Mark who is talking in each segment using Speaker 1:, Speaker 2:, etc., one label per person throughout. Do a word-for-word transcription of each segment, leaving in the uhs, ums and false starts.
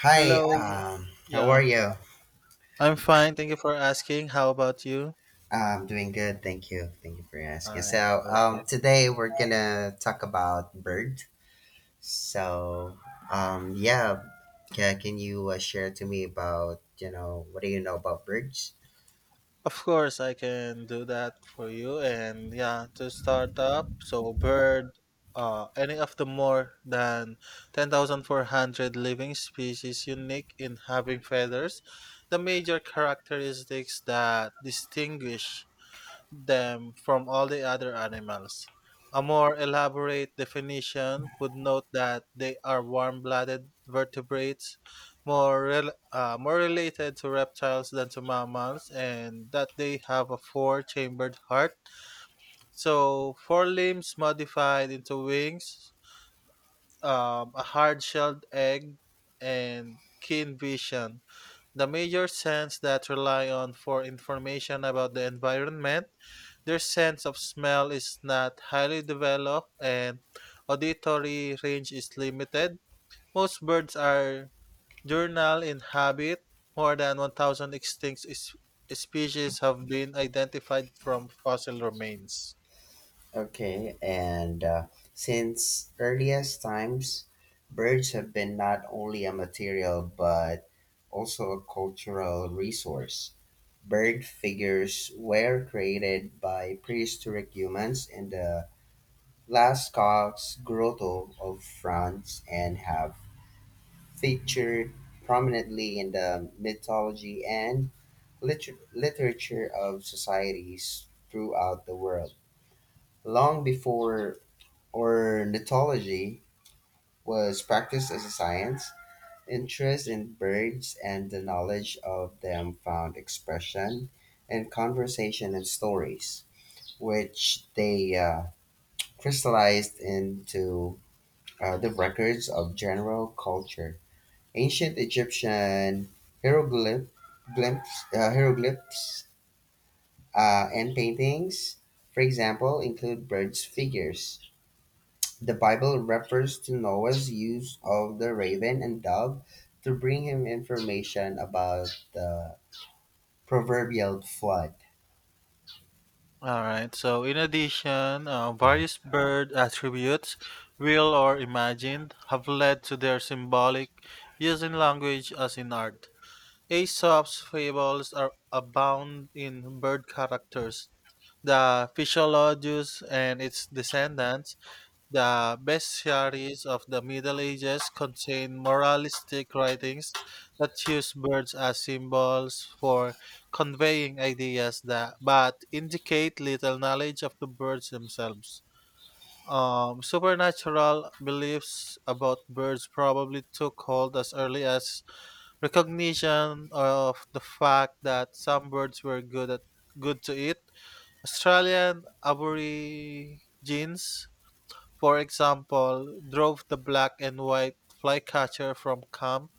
Speaker 1: Hi,
Speaker 2: Hello.
Speaker 1: um, how are
Speaker 2: Yeah,
Speaker 1: you?
Speaker 2: I'm fine. Thank you for asking. How about you?
Speaker 1: I'm doing good, thank you. Thank you for
Speaker 2: All
Speaker 1: asking.
Speaker 2: right,
Speaker 1: So, um,
Speaker 2: perfect.
Speaker 1: today we're gonna talk about bird. So, um, yeah, can, can you uh, share to me about, you know, what do you know about birds?
Speaker 2: Of course, I can do that for you. And yeah, to start up, so bird, uh, any of the more than ten thousand four hundred living species unique in having feathers. The major characteristics that distinguish them from all the other animals. A more elaborate definition would note that they are warm blooded vertebrates, more, rel- uh, more related to reptiles than to mammals, and that they have a four chambered heart. So, four limbs modified into wings, um, a hard shelled egg, and keen vision the major scents that rely on for information about the environment, their sense of smell is not highly developed and auditory range is limited. Most birds are diurnal in habit. More than one thousand extinct s- species have been identified from fossil remains.
Speaker 1: Okay, and uh, since earliest times, birds have been not only a material but also a cultural resource. Bird figures were created by prehistoric humans in the Lascaux grotto of France and have featured prominently in the mythology and liter- literature of societies throughout the world. Long before ornithology was practiced as a science, interest in birds and the knowledge of them found expression in conversation and stories, which they uh, crystallized into uh, the records of general culture, ancient Egyptian hieroglyph, glyphs, uh, hieroglyphs uh, and paintings, for example, include birds' figures. The Bible refers to Noah's use of the raven and dove to bring him information about the proverbial flood.
Speaker 2: All right. So, in addition, uh,
Speaker 1: Mm-hmm.
Speaker 2: various bird attributes, real or imagined, have led to their symbolic use in language as in art. Aesop's fables are abound in bird characters. The Physiologus and its descendants the bestiaries of the Middle Ages contain moralistic writings that use birds as symbols for conveying ideas that but indicate little knowledge of the birds themselves. Um, supernatural beliefs about birds probably took hold as early as recognition of the fact that some birds were good at good to eat. Australian aborigines for example, drove the black and white flycatcher from camp,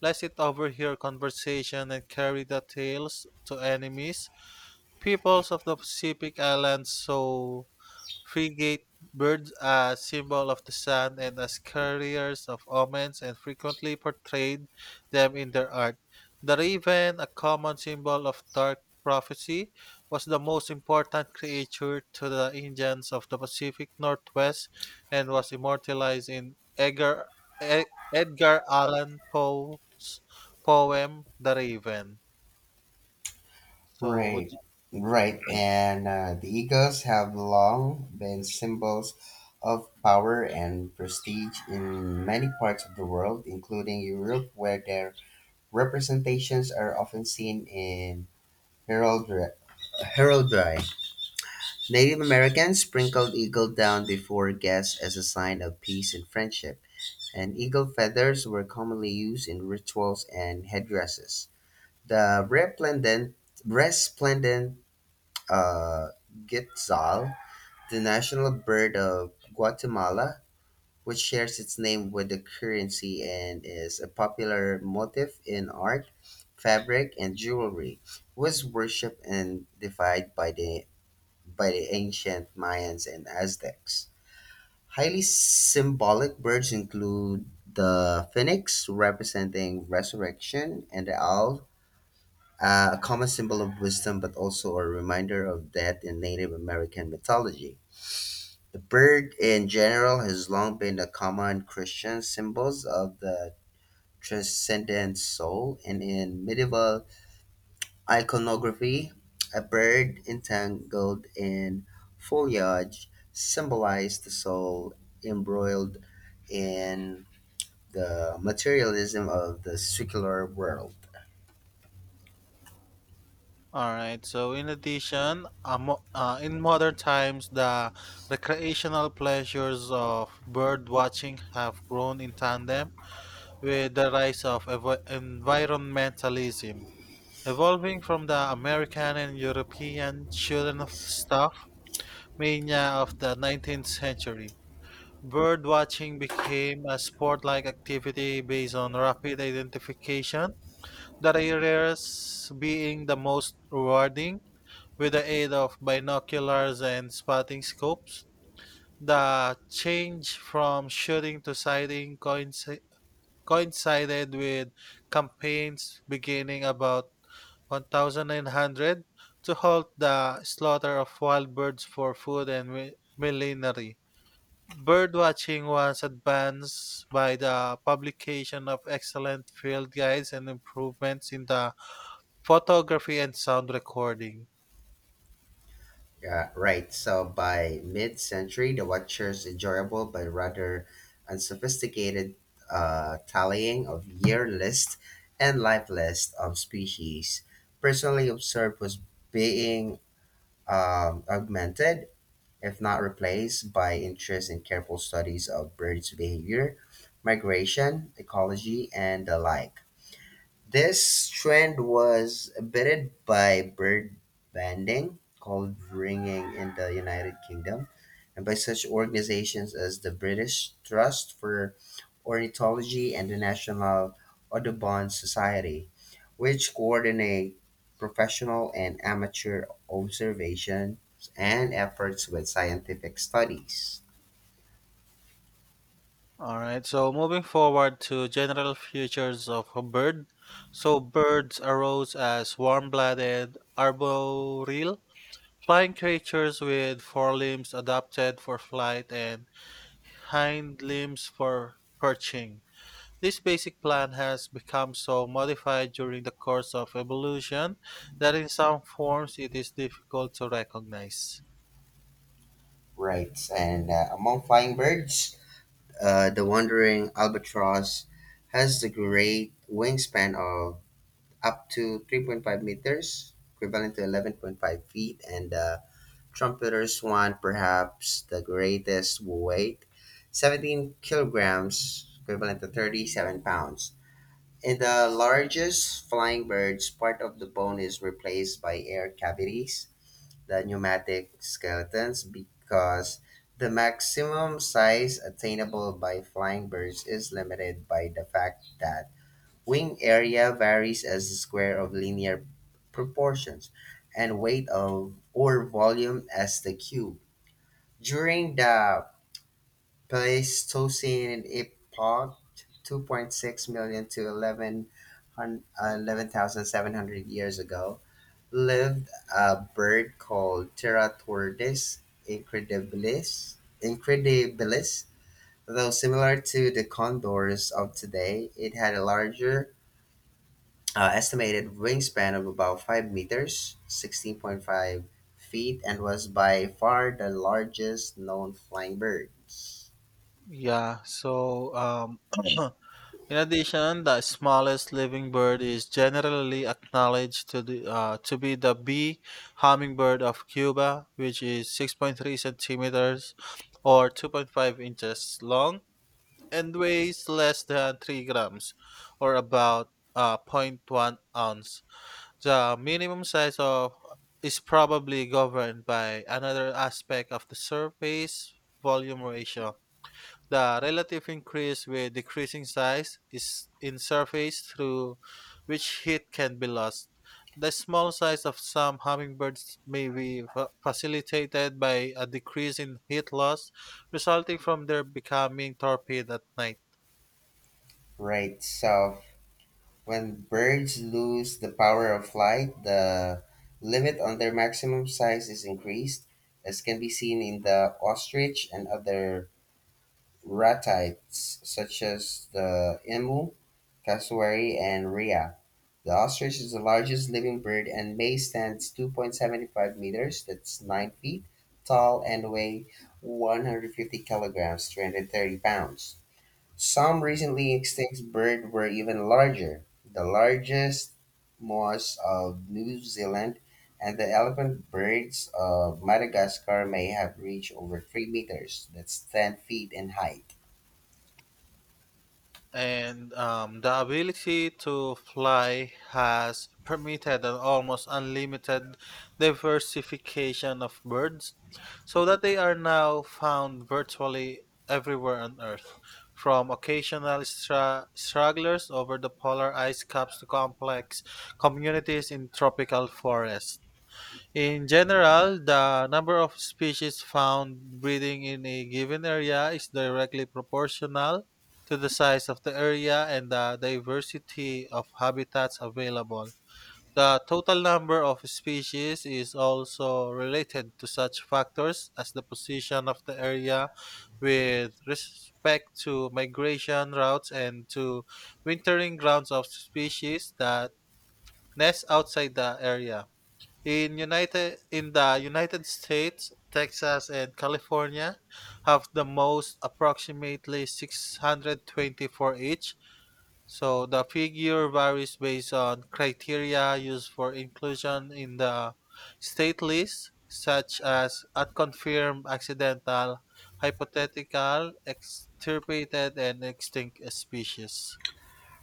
Speaker 2: lest it overhear conversation and carry the tales to enemies, peoples of the Pacific Islands, so Frigate birds are a symbol of the sun and as carriers of omens and frequently portrayed them in their art. The raven, a common symbol of dark prophecy, was the most important creature to the Indians of the Pacific Northwest and was immortalized in Edgar, E- Edgar Allan Poe's poem The Raven. So would
Speaker 1: Right, right. And uh, the Eagles have long been symbols of power and prestige in many parts of the world, including Europe, where their representations are often seen in heraldry. heraldry. Native Americans sprinkled eagle down before guests as a sign of peace and friendship, and eagle feathers were commonly used in rituals and headdresses. The resplendent, resplendent uh, Quetzal, the national bird of Guatemala, which shares its name with the currency and is a popular motif in art, fabric, and jewelry, was worshipped and deified by the by the ancient Mayans and Aztecs. Highly symbolic birds include the phoenix, representing resurrection, and the owl, uh, a common symbol of wisdom, but also a reminder of death in Native American mythology. The bird in general has long been a common Christian symbol of the transcendent soul, and in medieval iconography, a bird entangled in foliage symbolized the soul embroiled in the materialism of the secular world.
Speaker 2: All right. So, in addition, uh, mo- uh, in modern times, the recreational pleasures of bird watching have grown in tandem with the rise of evo- environmentalism, evolving from the American and European children of stuff mania of the nineteenth century. Bird watching became a sport-like activity based on rapid identification, the rarest being the most rewarding with the aid of binoculars and spotting scopes, the change from shooting to sighting coinci- coincided with campaigns beginning about nineteen hundred to halt the slaughter of wild birds for food and mi- millinery. Birdwatching was advanced by the publication of excellent field guides and improvements in the photography and sound recording.
Speaker 1: Uh, right, so by mid century, the Watcher's enjoyable but rather unsophisticated uh, tallying of year list and life list of species personally observed was being um, augmented, if not replaced, by interest in careful studies of birds' behavior, migration, ecology, and the like. This trend was abetted by bird banding, called ringing in the United Kingdom, and by such organizations as the British Trust for Ornithology and the National Audubon Society, which coordinate professional and amateur observations and efforts with scientific studies.
Speaker 2: All right, so moving forward to general features of a bird. So birds arose as warm-blooded arboreal flying creatures with forelimbs adapted for flight and hind limbs for perching. This basic plan has become so modified during the course of evolution that in some forms it is difficult to recognize.
Speaker 1: Right, and uh, among flying birds, Uh, the wandering albatross has the great wingspan of up to three point five meters, equivalent to eleven point five feet, and the trumpeter swan, perhaps the greatest weight, seventeen kilograms, equivalent to thirty-seven pounds. In the largest flying birds, part of the bone is replaced by air cavities the pneumatic skeletons, because the maximum size attainable by flying birds is limited by the fact that wing area varies as the square of linear proportions and weight of or volume as the cube. During the Pleistocene epoch, 2.6 million to eleven thousand seven hundred years ago, lived a bird called Teratortoides incredibilis. Incredibilis, though similar to the condors of today, it had a larger uh, estimated wingspan of about five meters, sixteen point five feet, and was by far the largest known flying birds.
Speaker 2: Yeah, so um in addition, the smallest living bird is generally acknowledged to, the, uh, to be the bee hummingbird of Cuba, which is six point three centimeters or two point five inches long and weighs less than three grams or about uh, point 0.1 ounce. The minimum size of is probably governed by another aspect of the surface volume ratio the relative increase with decreasing size is in surface through which heat can be lost. The small size of some hummingbirds may be fa- facilitated by a decrease in heat loss resulting from their becoming torpid at night.
Speaker 1: Right, so when birds lose the power of flight, the limit on their maximum size is increased, as can be seen in the ostrich and other ratites, such as the emu, cassowary, and rhea. The ostrich is the largest living bird and may stands two point seven five meters, that's nine feet, tall and weigh one hundred fifty kilograms, three hundred thirty pounds. Some recently extinct birds were even larger. The largest moas of New Zealand and the elephant birds of Madagascar may have reached over three meters, that's ten feet in height.
Speaker 2: And um, the ability to fly has permitted an almost unlimited diversification of birds so that they are now found virtually everywhere on earth from occasional stra- stragglers over the polar ice caps to complex communities in tropical forests in general, the number of species found breeding in a given area is directly proportional to the size of the area and the diversity of habitats available. The total number of species is also related to such factors as the position of the area with respect to migration routes and to wintering grounds of species that nest outside the area. In United in the United States, Texas and California have the most approximately six hundred twenty-four each. So the figure varies based on criteria used for inclusion in the state list, such as unconfirmed, accidental, hypothetical, extirpated, and extinct species.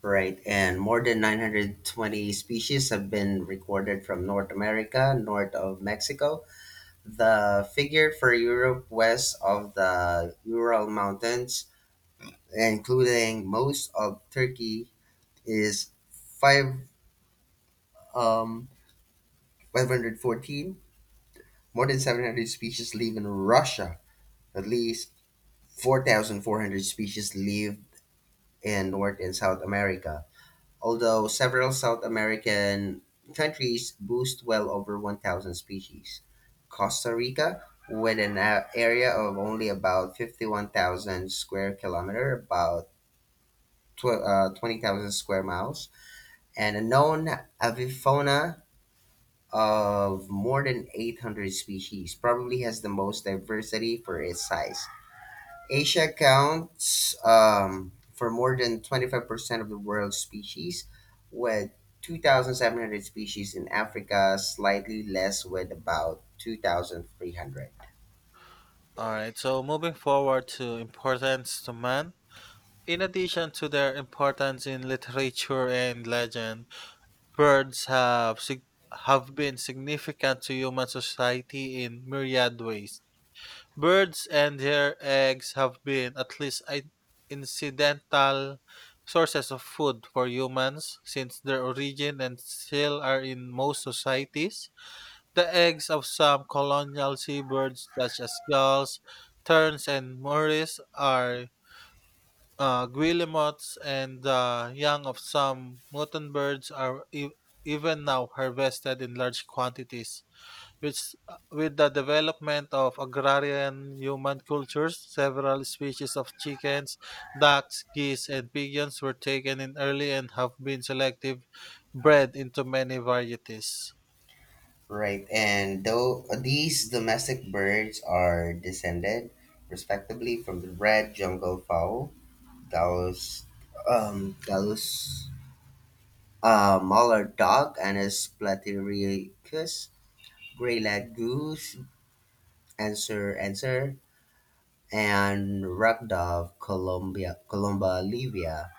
Speaker 1: Right, and more than nine hundred twenty species have been recorded from North America, north of Mexico. The figure for Europe west of the Ural Mountains, including most of Turkey, is five um, five hundred fourteen, more than seven hundred species live in Russia. At least four thousand four hundred species live in North and South America, although several South American countries boast well over one thousand species. Costa Rica, with an a- area of only about fifty-one thousand square kilometer, about tw- uh, twenty thousand square miles, and a known avifauna of more than eight hundred species, probably has the most diversity for its size. Asia accounts um, for more than twenty-five percent of the world's species, with two thousand seven hundred species in Africa, slightly less with about two thousand three hundred.
Speaker 2: All right, so moving forward to importance to man. In addition to their importance in literature and legend, birds have sig- have been significant to human society in myriad ways. Birds and their eggs have been at least i- incidental sources of food for humans since their origin and still are in most societies. The eggs of some colonial seabirds such as gulls, terns, and morris are uh, guillemots and the young of some mutant birds are e- even now harvested in large quantities, which, uh, with the development of agrarian human cultures, several species of chickens, ducks, geese, and pigeons were taken in early and have been selective bred into many varieties.
Speaker 1: Right, and though these domestic birds are descended respectively from the red jungle fowl, Gallus, um, Gallus a mallard dog, and a platyriacus, gray leg goose, Answer, answer and wrapped up Colombia, Colomba, Libya.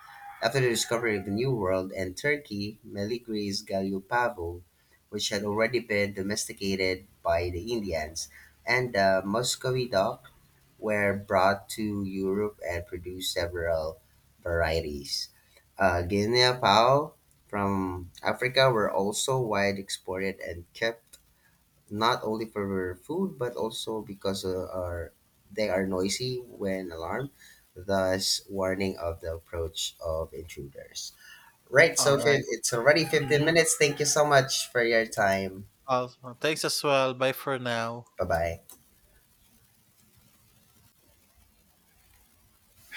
Speaker 1: After the discovery of the New World and Turkey, Meligris Galupavo, which had already been domesticated by the Indians, and the Muscovy duck were brought to Europe and produced several varieties. Uh, Guinea fowl from Africa were also wide exported and kept not only for food but also because uh, are they are noisy when alarmed, thus warning of the approach of intruders. Right,
Speaker 2: All
Speaker 1: so
Speaker 2: right.
Speaker 1: fi- it's already fifteen
Speaker 2: Mhm.
Speaker 1: minutes. Thank you so much for your time.
Speaker 2: Also, thanks as well. Bye for now.
Speaker 1: Bye bye.